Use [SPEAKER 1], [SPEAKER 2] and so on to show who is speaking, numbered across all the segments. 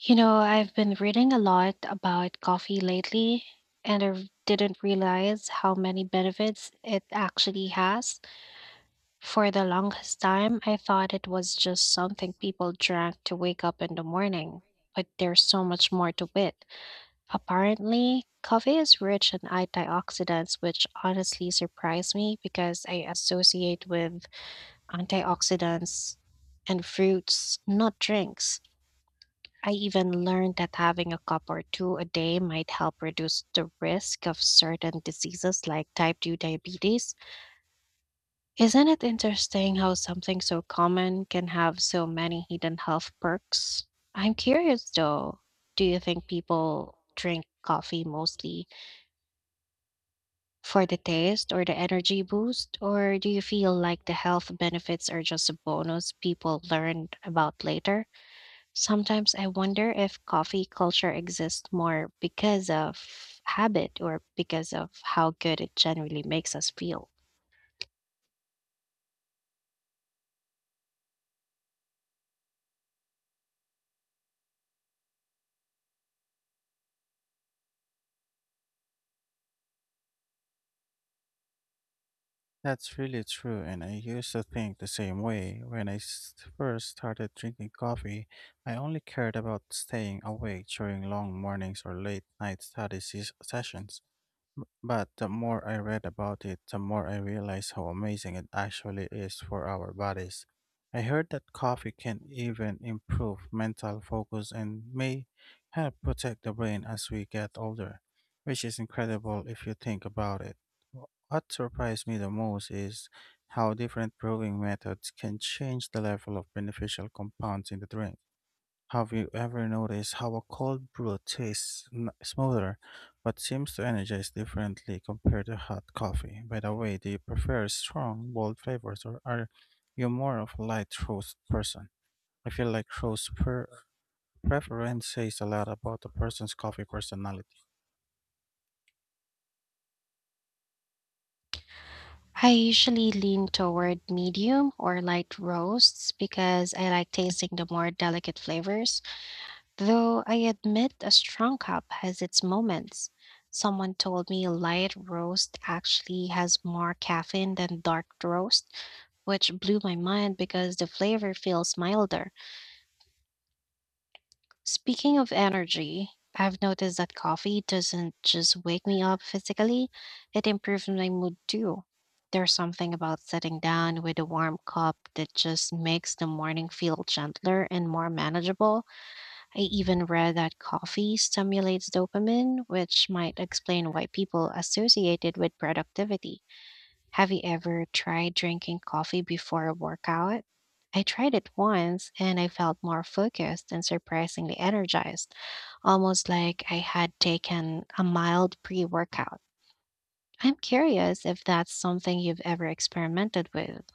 [SPEAKER 1] You know, I've been reading a lot about coffee lately, and didn't realize how many benefits it actually has. For the longest time, I thought it was just something people drank to wake up in the morning, but there's so much more to it. Apparently, coffee is rich in antioxidants, which honestly surprised me because I associate with antioxidants and fruits, not drinks. I even learned that having a cup or two a day might help reduce the risk of certain diseases like type 2 diabetes. Isn't it interesting how something so common can have so many hidden health perks? I'm curious though, do you think people drink coffee mostly for the taste or the energy boost? Or do you feel like the health benefits are just a bonus people learned about later? Sometimes I wonder if coffee culture exists more because of habit or because of how good it generally makes us feel.
[SPEAKER 2] That's really true, and I used to think the same way. When I first started drinking coffee, I only cared about staying awake during long mornings or late night study sessions. But the more I read about it, the more I realized how amazing it actually is for our bodies. I heard that coffee can even improve mental focus and may help protect the brain as we get older, which is incredible if you think about it. What surprised me the most is how different brewing methods can change the level of beneficial compounds in the drink. Have you ever noticed how a cold brew tastes smoother but seems to energize differently compared to hot coffee? By the way, do you prefer strong, bold flavors, or are you more of a light roast person? I feel like roast preference says a lot about a person's coffee personality.
[SPEAKER 1] I usually lean toward medium or light roasts because I like tasting the more delicate flavors, though I admit a strong cup has its moments. Someone told me light roast actually has more caffeine than dark roast, which blew my mind because the flavor feels milder. Speaking of energy, I've noticed that coffee doesn't just wake me up physically, it improves my mood too. There's something about sitting down with a warm cup that just makes the morning feel gentler and more manageable. I even read that coffee stimulates dopamine, which might explain why people associate it with productivity. Have you ever tried drinking coffee before a workout? I tried it once and I felt more focused and surprisingly energized, almost like I had taken a mild pre workout. I'm curious if that's something you've ever experimented with.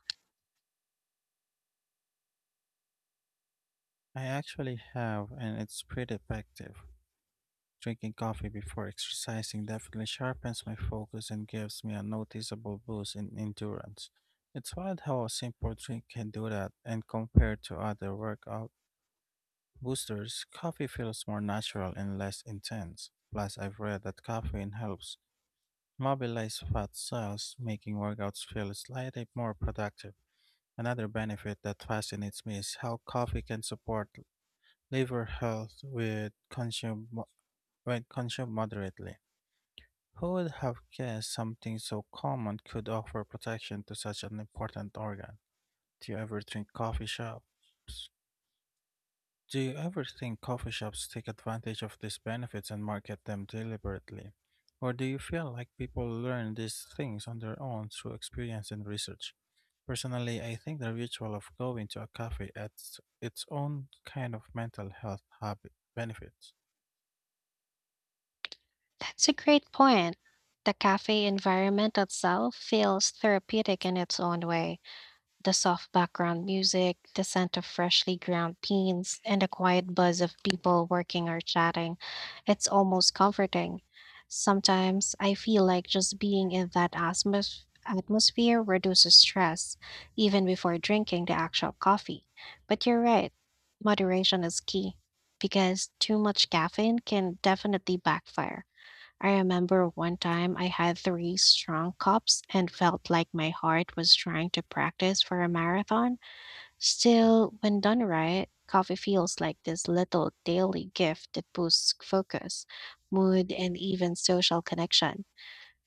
[SPEAKER 2] I actually have, and it's pretty effective. Drinking coffee before exercising definitely sharpens my focus and gives me a noticeable boost in endurance. It's wild how a simple drink can do that, and compared to other workout boosters, coffee feels more natural and less intense. Plus, I've read that caffeine helps mobilize fat cells, making workouts feel slightly more productive. Another benefit that fascinates me is how coffee can support liver health with consume, when consumed moderately, Who would have guessed something so common could offer protection to such an important organ? Do you ever think coffee shops? Do you ever think coffee shops take advantage of these benefits and market them deliberately? Or do you feel like people learn these things on their own through experience and research? Personally, I think the ritual of going to a cafe adds its own kind of mental health habit benefits.
[SPEAKER 1] That's a great point. The cafe environment itself feels therapeutic in its own way. The soft background music, the scent of freshly ground beans, and the quiet buzz of people working or chatting. It's almost comforting. Sometimes I feel like just being in that atmosphere reduces stress, even before drinking the actual coffee. But you're right, moderation is key because too much caffeine can definitely backfire. I remember one time I had three strong cups and felt like my heart was trying to practice for a marathon. Still, when done right, coffee feels like this little daily gift that boosts focus, mood, and even social connection.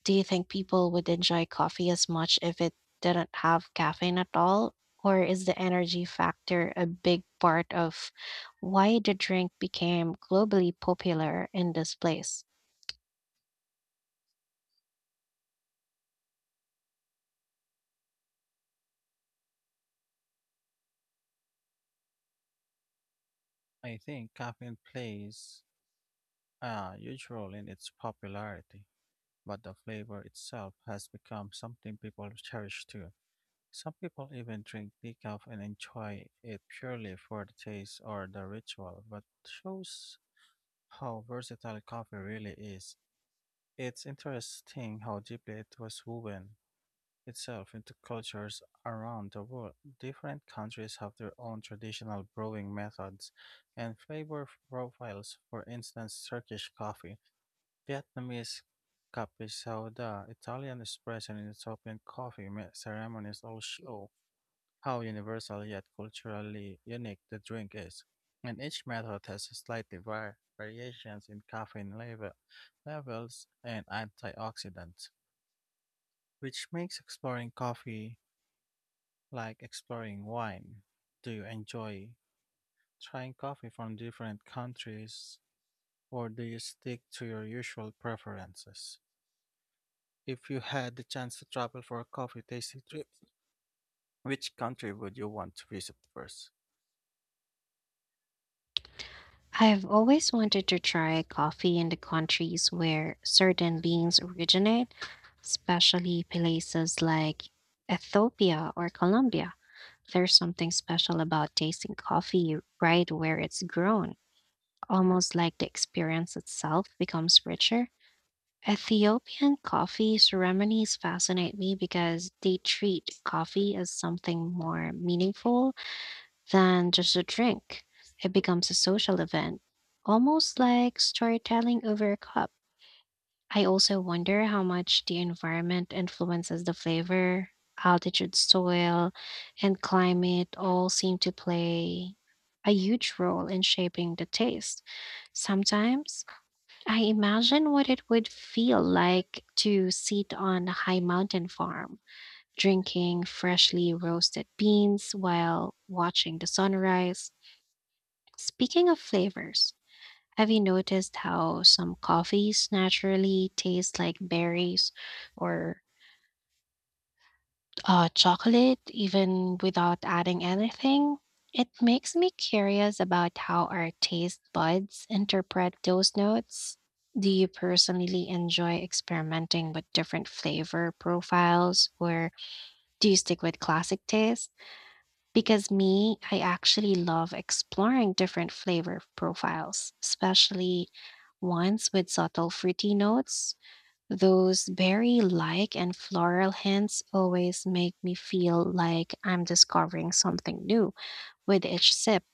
[SPEAKER 1] Do you think people would enjoy coffee as much if it didn't have caffeine at all? Or is the energy factor a big part of why the drink became globally popular in this place?
[SPEAKER 2] I think caffeine plays a huge role in its popularity, but the flavor itself has become something people cherish too. Some people even drink decaf and enjoy it purely for the taste or the ritual, but shows how versatile coffee really is. It's interesting how deeply it was woven itself into cultures around the world. Different countries have their own traditional brewing methods and flavor profiles. For instance, Turkish coffee, Vietnamese cafe soda, Italian espresso, and Ethiopian coffee ceremonies all show how universal yet culturally unique the drink is. And each method has slightly variations in caffeine levels and antioxidants, which makes exploring coffee like exploring wine. Do you enjoy trying coffee from different countries, or do you stick to your usual preferences? If you had the chance to travel for a coffee tasting trip, which country would you want to visit first?
[SPEAKER 1] I've always wanted to try coffee in the countries where certain beans originate, especially places like Ethiopia or Colombia. There's something special about tasting coffee right where it's grown, almost like the experience itself becomes richer. Ethiopian coffee ceremonies fascinate me because they treat coffee as something more meaningful than just a drink. It becomes a social event, almost like storytelling over a cup. I also wonder how much the environment influences the flavor. Altitude, soil, and climate all seem to play a huge role in shaping the taste. Sometimes I imagine what it would feel like to sit on a high mountain farm, drinking freshly roasted beans while watching the sunrise. Speaking of flavors, have you noticed how some coffees naturally taste like berries or chocolate even without adding anything? It makes me curious about how our taste buds interpret those notes. Do you personally enjoy experimenting with different flavor profiles or do you stick with classic taste? Because me, I actually love exploring different flavor profiles, especially ones with subtle fruity notes. Those berry like and floral hints always make me feel like I'm discovering something new with each sip.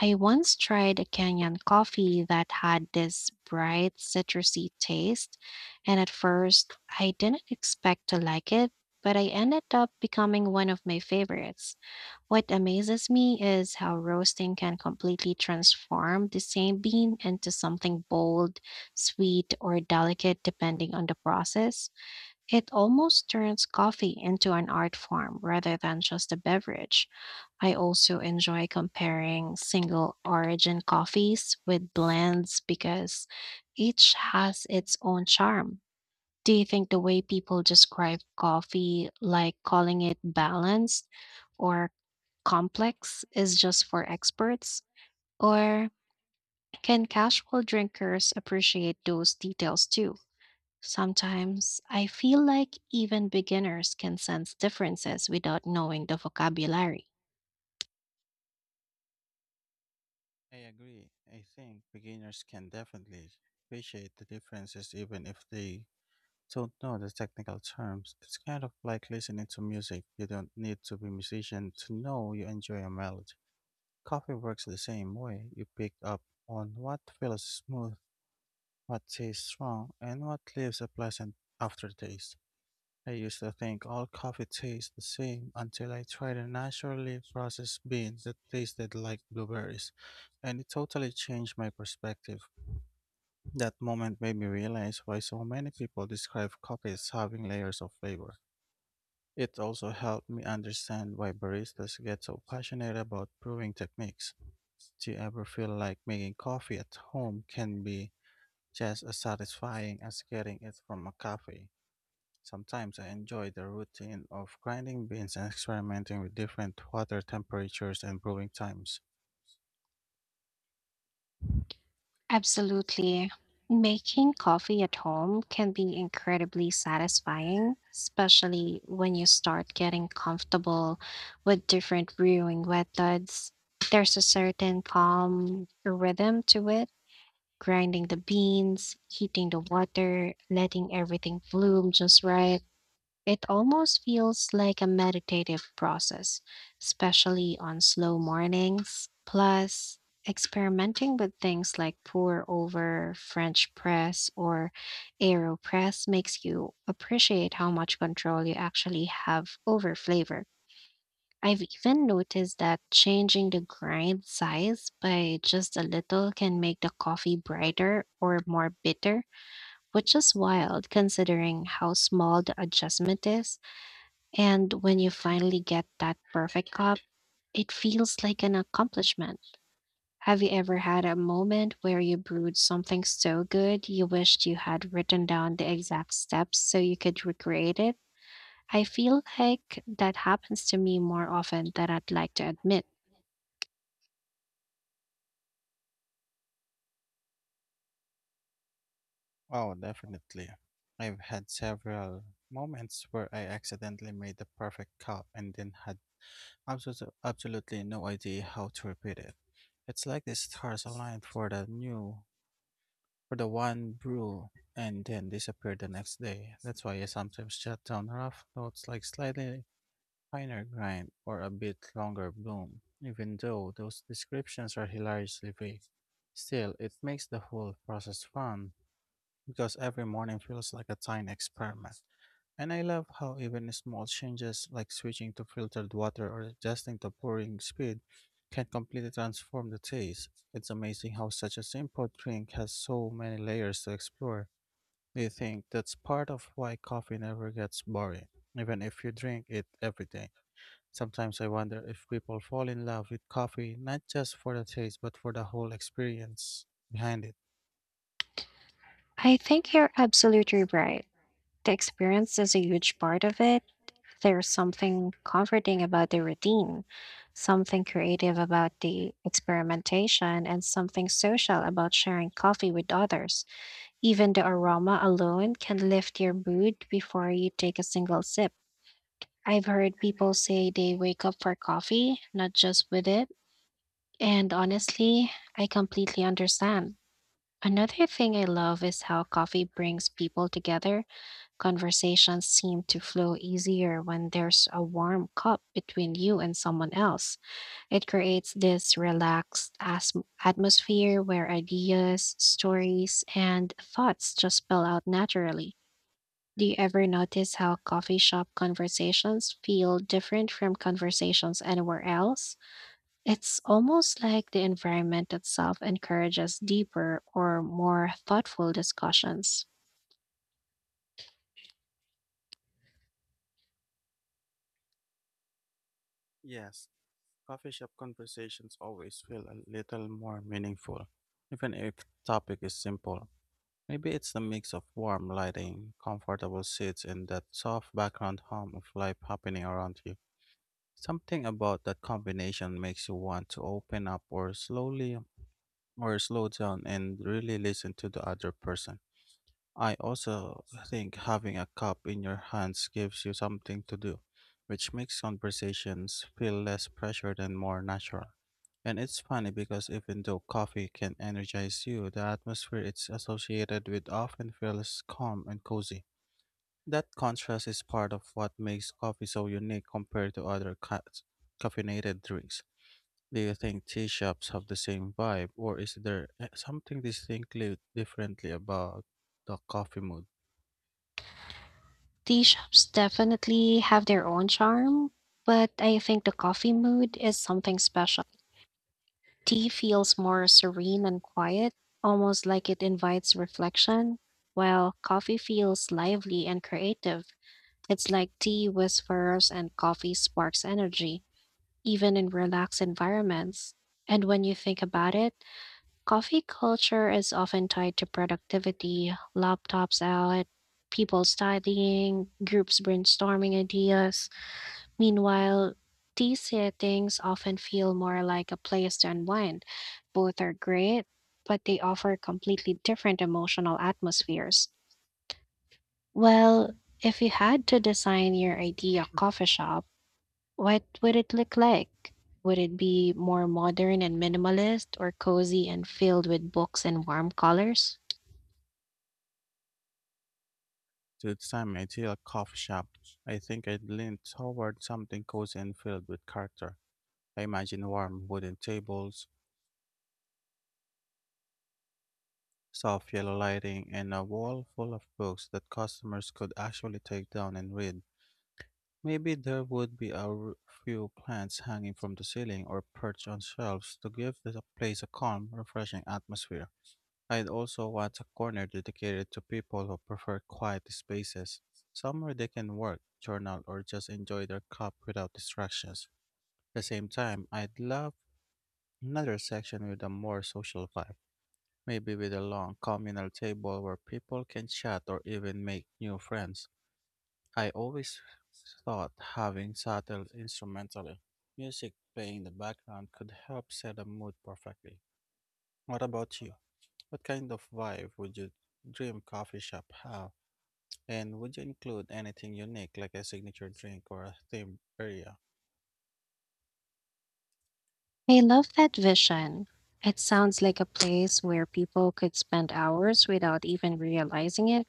[SPEAKER 1] I once tried a Kenyan coffee that had this bright citrusy taste, and at first I didn't expect to like it, but I ended up becoming one of my favorites. What amazes me is how roasting can completely transform the same bean into something bold, sweet, or delicate depending on the process. It almost turns coffee into an art form rather than just a beverage. I also enjoy comparing single origin coffees with blends because each has its own charm. Do you think the way people describe coffee, like calling it balanced, or complex is just for experts? Or can casual drinkers appreciate those details too? Sometimes I feel like even beginners can sense differences without knowing the vocabulary.
[SPEAKER 2] I agree. I think beginners can definitely appreciate the differences even if they don't know the technical terms. It's kind of like listening to music. You don't need to be a musician to know you enjoy a melody. Coffee works the same way. You pick up on what feels smooth, what tastes strong, and what leaves a pleasant aftertaste. I used to think all coffee tastes the same until I tried a naturally processed bean that tasted like blueberries, and it totally changed my perspective. That moment made me realize why so many people describe coffee as having layers of flavor. It also helped me understand why baristas get so passionate about brewing techniques. Do you ever feel like making coffee at home can be just as satisfying as getting it from a cafe? Sometimes I enjoy the routine of grinding beans and experimenting with different water temperatures and brewing times.
[SPEAKER 1] Absolutely. Making coffee at home can be incredibly satisfying, especially when you start getting comfortable with different brewing methods. There's a certain calm rhythm to it grinding the beans, heating the water, letting everything bloom just right. It almost feels like a meditative process, especially on slow mornings. Plus, experimenting with things like pour over, French press, or AeroPress makes you appreciate how much control you actually have over flavor. I've even noticed that changing the grind size by just a little can make the coffee brighter or more bitter, which is wild considering how small the adjustment is. And when you finally get that perfect cup, it feels like an accomplishment. Have you ever had a moment where you brewed something so good you wished you had written down the exact steps so you could recreate it? I feel like that happens to me more often than I'd like to admit.
[SPEAKER 2] Oh, definitely. I've had several moments where I accidentally made the perfect cup and then had absolutely no idea how to repeat it. It's like the stars aligned for for the one brew and then disappeared the next day. That's why I sometimes jot down rough notes like slightly finer grind, or a bit longer bloom. Even though those descriptions are hilariously vague, still, it makes the whole process fun because every morning feels like a tiny experiment. And I love how even small changes like switching to filtered water or adjusting to pouring speed can completely transform the taste. It's amazing how such a simple drink has so many layers to explore. Do you think that's part of why coffee never gets boring, even if you drink it every day? Sometimes I wonder if people fall in love with coffee not just for the taste but for the whole experience behind it.
[SPEAKER 1] I think you're absolutely right. The experience is a huge part of it. There's something comforting about the routine, something creative about the experimentation, and something social about sharing coffee with others. Even the aroma alone can lift your mood before you take a single sip. I've heard people say they wake up for coffee, not just with it. And honestly, I completely understand. Another thing I love is how coffee brings people together. Conversations seem to flow easier when there's a warm cup between you and someone else. It creates this relaxed atmosphere where ideas, stories, and thoughts just spill out naturally. Do you ever notice how coffee shop conversations feel different from conversations anywhere else? It's almost like the environment itself encourages deeper or more thoughtful discussions.
[SPEAKER 2] Yes, coffee shop conversations always feel a little more meaningful, even if the topic is simple. Maybe it's the mix of warm lighting, comfortable seats, and that soft background hum of life happening around you. Something about that combination makes you want to open up or slow down and really listen to the other person. I also think having a cup in your hands gives you something to do, which makes conversations feel less pressured and more natural. And it's funny because even though coffee can energize you, the atmosphere it's associated with often feels calm and cozy. That contrast is part of what makes coffee so unique compared to other caffeinated drinks. Do you think tea shops have the same vibe, or is there something distinctly differently about the coffee mood?
[SPEAKER 1] Tea shops definitely have their own charm, but I think the coffee mood is something special. Tea feels more serene and quiet, almost like it invites reflection, while coffee feels lively and creative. It's like tea whispers and coffee sparks energy, even in relaxed environments. And when you think about it, coffee culture is often tied to productivity, laptops out, people studying, groups brainstorming ideas. Meanwhile, tea settings often feel more like a place to unwind. Both are great, but they offer completely different emotional atmospheres. Well, if you had to design your idea coffee shop, what would it look like? Would it be more modern and minimalist or cozy and filled with books and warm colors?
[SPEAKER 2] The time I see a coffee shop, I think I'd lean toward something cozy and filled with character. I imagine warm wooden tables, soft yellow lighting, and a wall full of books that customers could actually take down and read. Maybe there would be a few plants hanging from the ceiling or perched on shelves to give the place a calm, refreshing atmosphere. I'd also want a corner dedicated to people who prefer quiet spaces, somewhere they can work, journal, or just enjoy their cup without distractions. At the same time, I'd love another section with a more social vibe, maybe with a long communal table where people can chat or even make new friends. I always thought having subtle instrumental music playing in the background could help set the mood perfectly. What about you? What kind of vibe would your dream coffee shop have? And would you include anything unique like a signature drink or a themed area?
[SPEAKER 1] I love that vision. It sounds like a place where people could spend hours without even realizing it.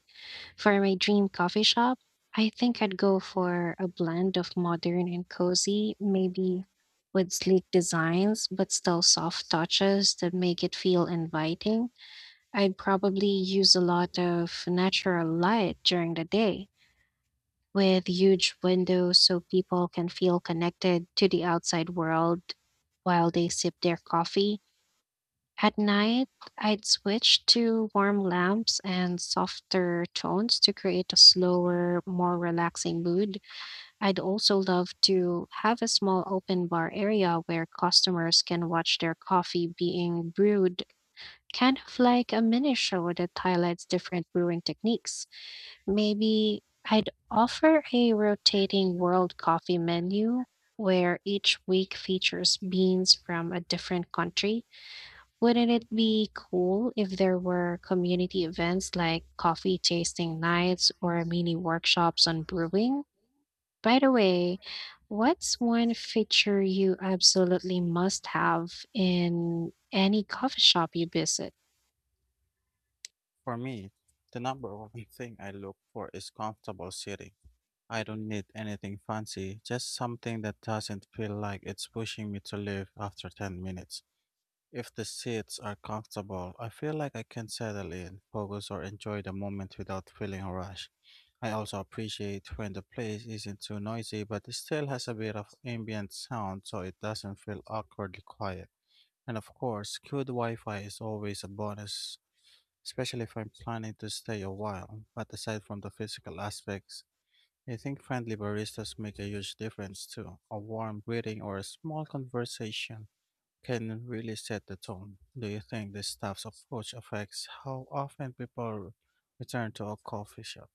[SPEAKER 1] For my dream coffee shop, I think I'd go for a blend of modern and cozy, maybe with sleek designs, but still soft touches that make it feel inviting. I'd probably use a lot of natural light during the day, with huge windows so people can feel connected to the outside world while they sip their coffee. At night, I'd switch to warm lamps and softer tones to create a slower, more relaxing mood. I'd also love to have a small open bar area where customers can watch their coffee being brewed, kind of like a mini show that highlights different brewing techniques. Maybe I'd offer a rotating world coffee menu where each week features beans from a different country. Wouldn't it be cool if there were community events like coffee tasting nights or mini workshops on brewing? By the way, what's one feature you absolutely must have in any coffee shop you visit?
[SPEAKER 2] For me, the number one thing I look for is comfortable sitting. I don't need anything fancy, just something that doesn't feel like it's pushing me to leave after 10 minutes. If the seats are comfortable, I feel like I can settle in, focus, or enjoy the moment without feeling rushed. I also appreciate when the place isn't too noisy but it still has a bit of ambient sound so it doesn't feel awkwardly quiet. And of course, good Wi Fi is always a bonus, especially if I'm planning to stay a while. But aside from the physical aspects, I think friendly baristas make a huge difference too. A warm greeting or a small conversation can really set the tone. Do you think the staff's approach affects how often people return to a coffee shop?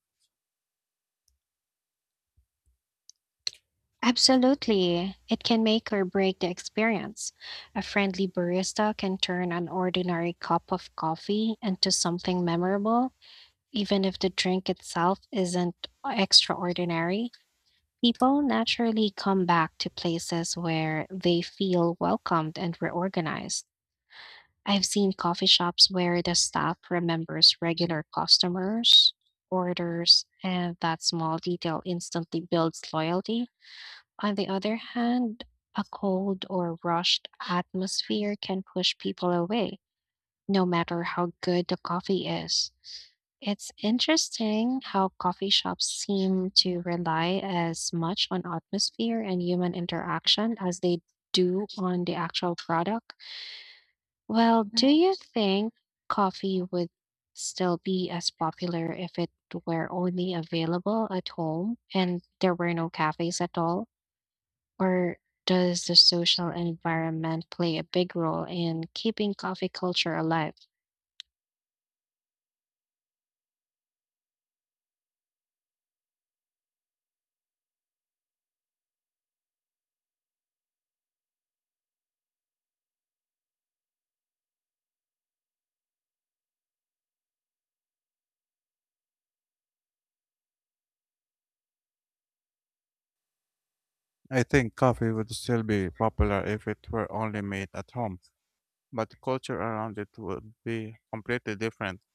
[SPEAKER 1] Absolutely. It can make or break the experience. A friendly barista can turn an ordinary cup of coffee into something memorable, even if the drink itself isn't extraordinary. People naturally come back to places where they feel welcomed and reorganized. I've seen coffee shops where the staff remembers regular customers, orders, and that small detail instantly builds loyalty. On the other hand, a cold or rushed atmosphere can push people away no matter how good the coffee is. It's interesting how coffee shops seem to rely as much on atmosphere and human interaction as they do on the actual product. Well, do you think coffee would still be as popular if it were only available at home and there were no cafes at all? Or does the social environment play a big role in keeping coffee culture alive?
[SPEAKER 2] I think coffee would still be popular if it were only made at home, but the culture around it would be completely different.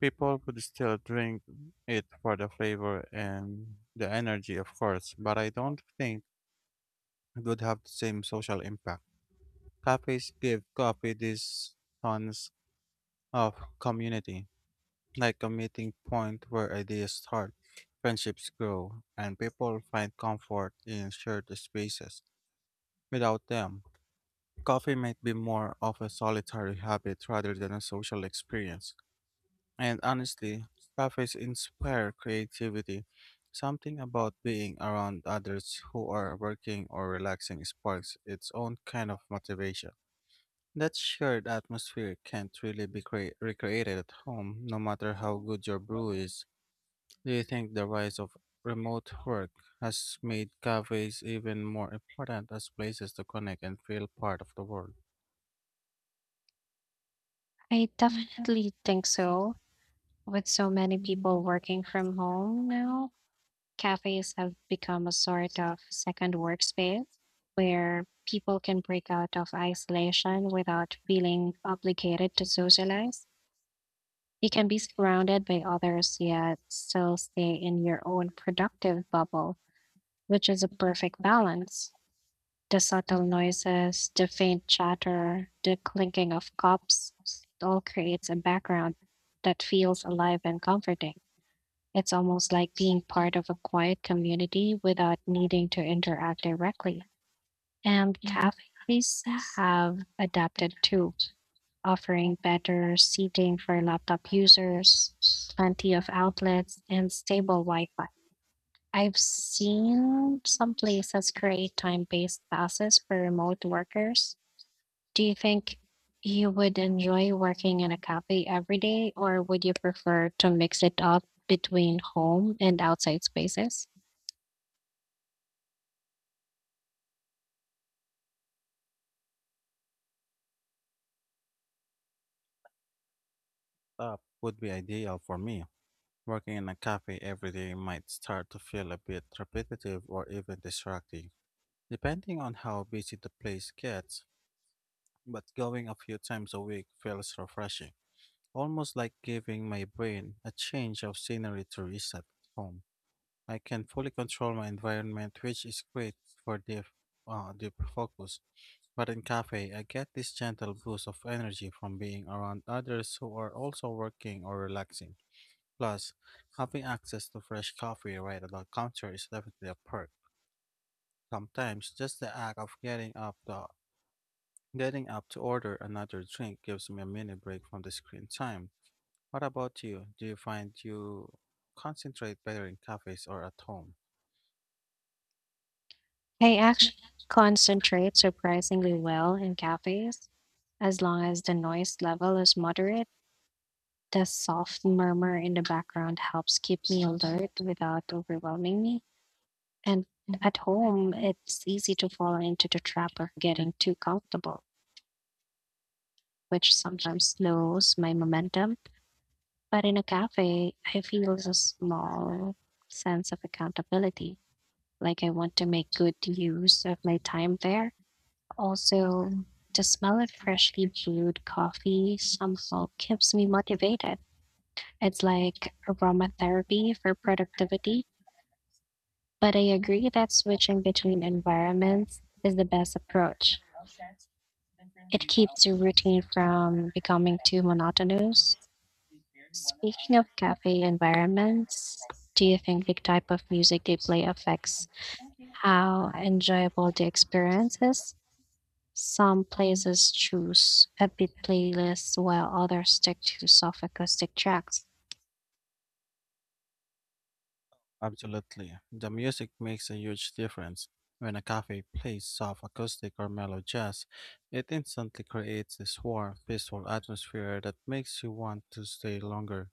[SPEAKER 2] People would still drink it for the flavor and the energy, of course, but I don't think it would have the same social impact. Cafes give coffee this sense of community, like a meeting point where ideas start, friendships grow, and people find comfort in shared spaces. Without them, coffee might be more of a solitary habit rather than a social experience. And honestly, cafes inspire creativity. Something about being around others who are working or relaxing sparks its own kind of motivation. That shared atmosphere can't really be recreated at home, no matter how good your brew is. Do you think the rise of remote work has made cafes even more important as places to connect and feel part of the world?
[SPEAKER 1] I definitely think so. With so many people working from home now, cafes have become a sort of second workspace where people can break out of isolation without feeling obligated to socialize. You can be surrounded by others yet still stay in your own productive bubble, which is a perfect balance. The subtle noises, the faint chatter, the clinking of cups, it all creates a background that feels alive and comforting. It's almost like being part of a quiet community without needing to interact directly. And cafes have adapted too, offering better seating for laptop users, plenty of outlets, and stable Wi Fi. I've seen some places create time based passes for remote workers. Do you think you would enjoy working in a cafe every day, or would you prefer to mix it up between home and outside spaces?
[SPEAKER 2] That would be ideal for me. Working in a cafe every day might start to feel a bit repetitive or even distracting, depending on how busy the place gets, but going a few times a week feels refreshing, almost like giving my brain a change of scenery to reset at home. I can fully control my environment, which is great for deep focus. But in cafe, I get this gentle boost of energy from being around others who are also working or relaxing. Plus, having access to fresh coffee right at the counter is definitely a perk. Sometimes, just the act of getting up to order another drink gives me a mini break from the screen time. What about you? Do you find you concentrate better in cafes or at home?
[SPEAKER 1] I actually concentrate surprisingly well in cafes, as long as the noise level is moderate. The soft murmur in the background helps keep me alert without overwhelming me. And at home, it's easy to fall into the trap of getting too comfortable, which sometimes slows my momentum. But in a cafe, I feel a small sense of accountability, like I want to make good use of my time there. Also, the smell of freshly brewed coffee somehow keeps me motivated. It's like aromatherapy for productivity. But I agree that switching between environments is the best approach. It keeps your routine from becoming too monotonous. Speaking of cafe environments, do you think the type of music they play affects how enjoyable the experience is? Some places choose upbeat playlists while others stick to soft acoustic tracks.
[SPEAKER 2] Absolutely. The music makes a huge difference. When a cafe plays soft acoustic or mellow jazz, it instantly creates this warm, peaceful atmosphere that makes you want to stay longer.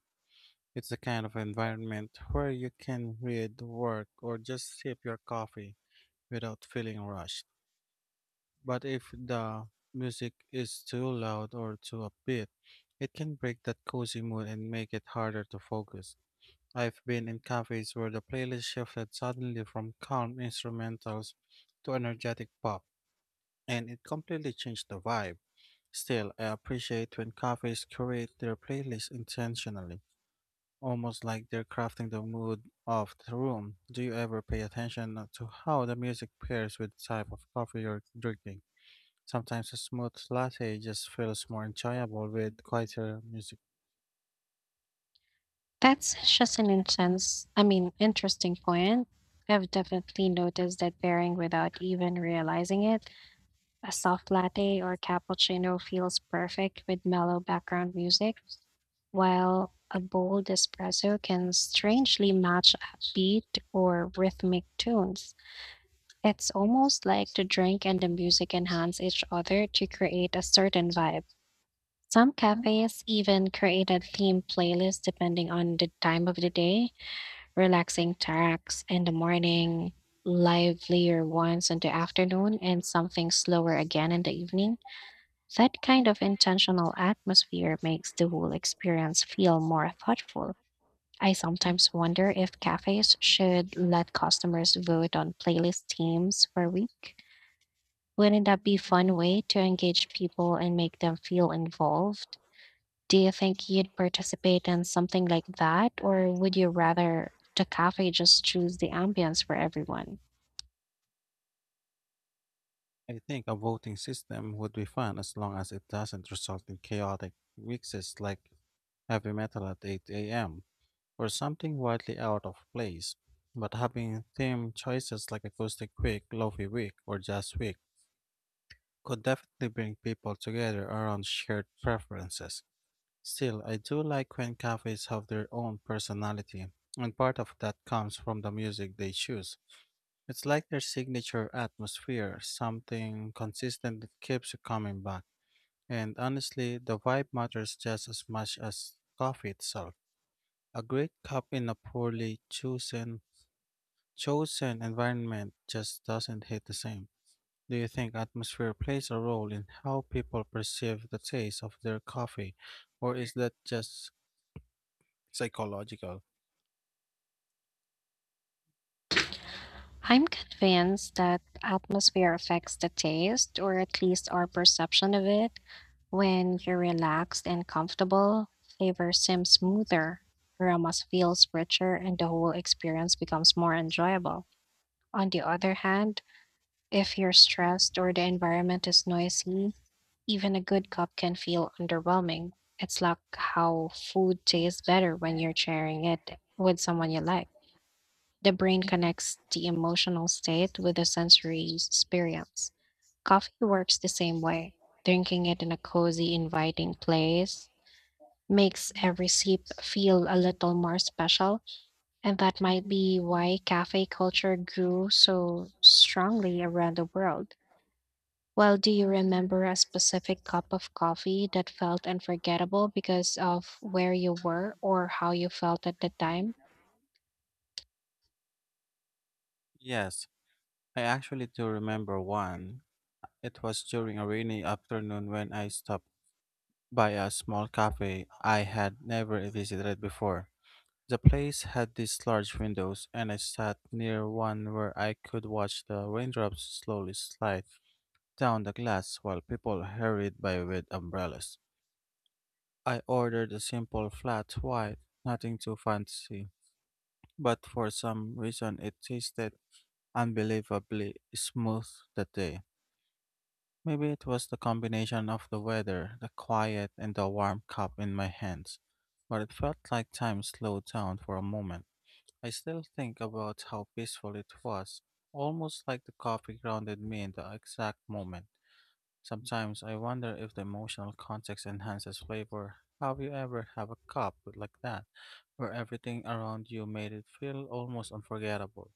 [SPEAKER 2] It's the kind of environment where you can read, work, or just sip your coffee without feeling rushed. But if the music is too loud or too upbeat, it can break that cozy mood and make it harder to focus. I've been in cafes where the playlist shifted suddenly from calm instrumentals to energetic pop, and it completely changed the vibe. Still, I appreciate when cafes curate their playlist intentionally, almost like they're crafting the mood of the room. Do you ever pay attention to how the music pairs with the type of coffee you're drinking? Sometimes a smooth latte just feels more enjoyable with quieter music.
[SPEAKER 1] That's just an intense, I mean, interesting point. I've definitely noticed that varying without even realizing it. A soft latte or cappuccino feels perfect with mellow background music, while a bold espresso can strangely match upbeat or rhythmic tunes. It's almost like the drink and the music enhance each other to create a certain vibe. Some cafes even create a theme playlist depending on the time of the day, relaxing tracks in the morning, livelier ones in the afternoon, and something slower again in the evening. That kind of intentional atmosphere makes the whole experience feel more thoughtful. I sometimes wonder if cafes should let customers vote on playlist themes for a week. Wouldn't that be a fun way to engage people and make them feel involved? Do you think you'd participate in something like that, or would you rather the cafe just choose the ambience for everyone?
[SPEAKER 2] I think a voting system would be fun as long as it doesn't result in chaotic mixes like heavy metal at 8 a.m. or something wildly out of place. But having theme choices like Acoustic Week, Lofi Week, or Jazz Week could definitely bring people together around shared preferences. Still, I do like when cafes have their own personality, and part of that comes from the music they choose. It's like their signature atmosphere, something consistent that keeps you coming back. And honestly, the vibe matters just as much as coffee itself. A great cup in a poorly chosen environment just doesn't hit the same. Do you think atmosphere plays a role in how people perceive the taste of their coffee, or is that just psychological?
[SPEAKER 1] I'm convinced that atmosphere affects the taste, or at least our perception of it. When you're relaxed and comfortable, flavor seems smoother, aromas feels richer, and the whole experience becomes more enjoyable. On the other hand, if you're stressed or the environment is noisy, even a good cup can feel underwhelming. It's like how food tastes better when you're sharing it with someone you like. The brain connects the emotional state with the sensory experience. Coffee works the same way. Drinking it in a cozy, inviting place makes every sip feel a little more special, and that might be why cafe culture grew so strongly around the world. Well, do you remember a specific cup of coffee that felt unforgettable because of where you were or how you felt at the time?
[SPEAKER 2] Yes, I actually do remember one. It was during a rainy afternoon when I stopped by a small cafe I had never visited before. The place had these large windows, and I sat near one where I could watch the raindrops slowly slide down the glass while people hurried by with umbrellas. I ordered a simple flat white, nothing too fancy, but for some reason it tasted unbelievably smooth that day. Maybe it was the combination of the weather, the quiet, and the warm cup in my hands, but it felt like time slowed down for a moment. I still think about how peaceful it was, almost like the coffee grounded me in the exact moment. Sometimes I wonder if the emotional context enhances flavor. Have you ever have a cup like that, where everything around you made it feel almost unforgettable?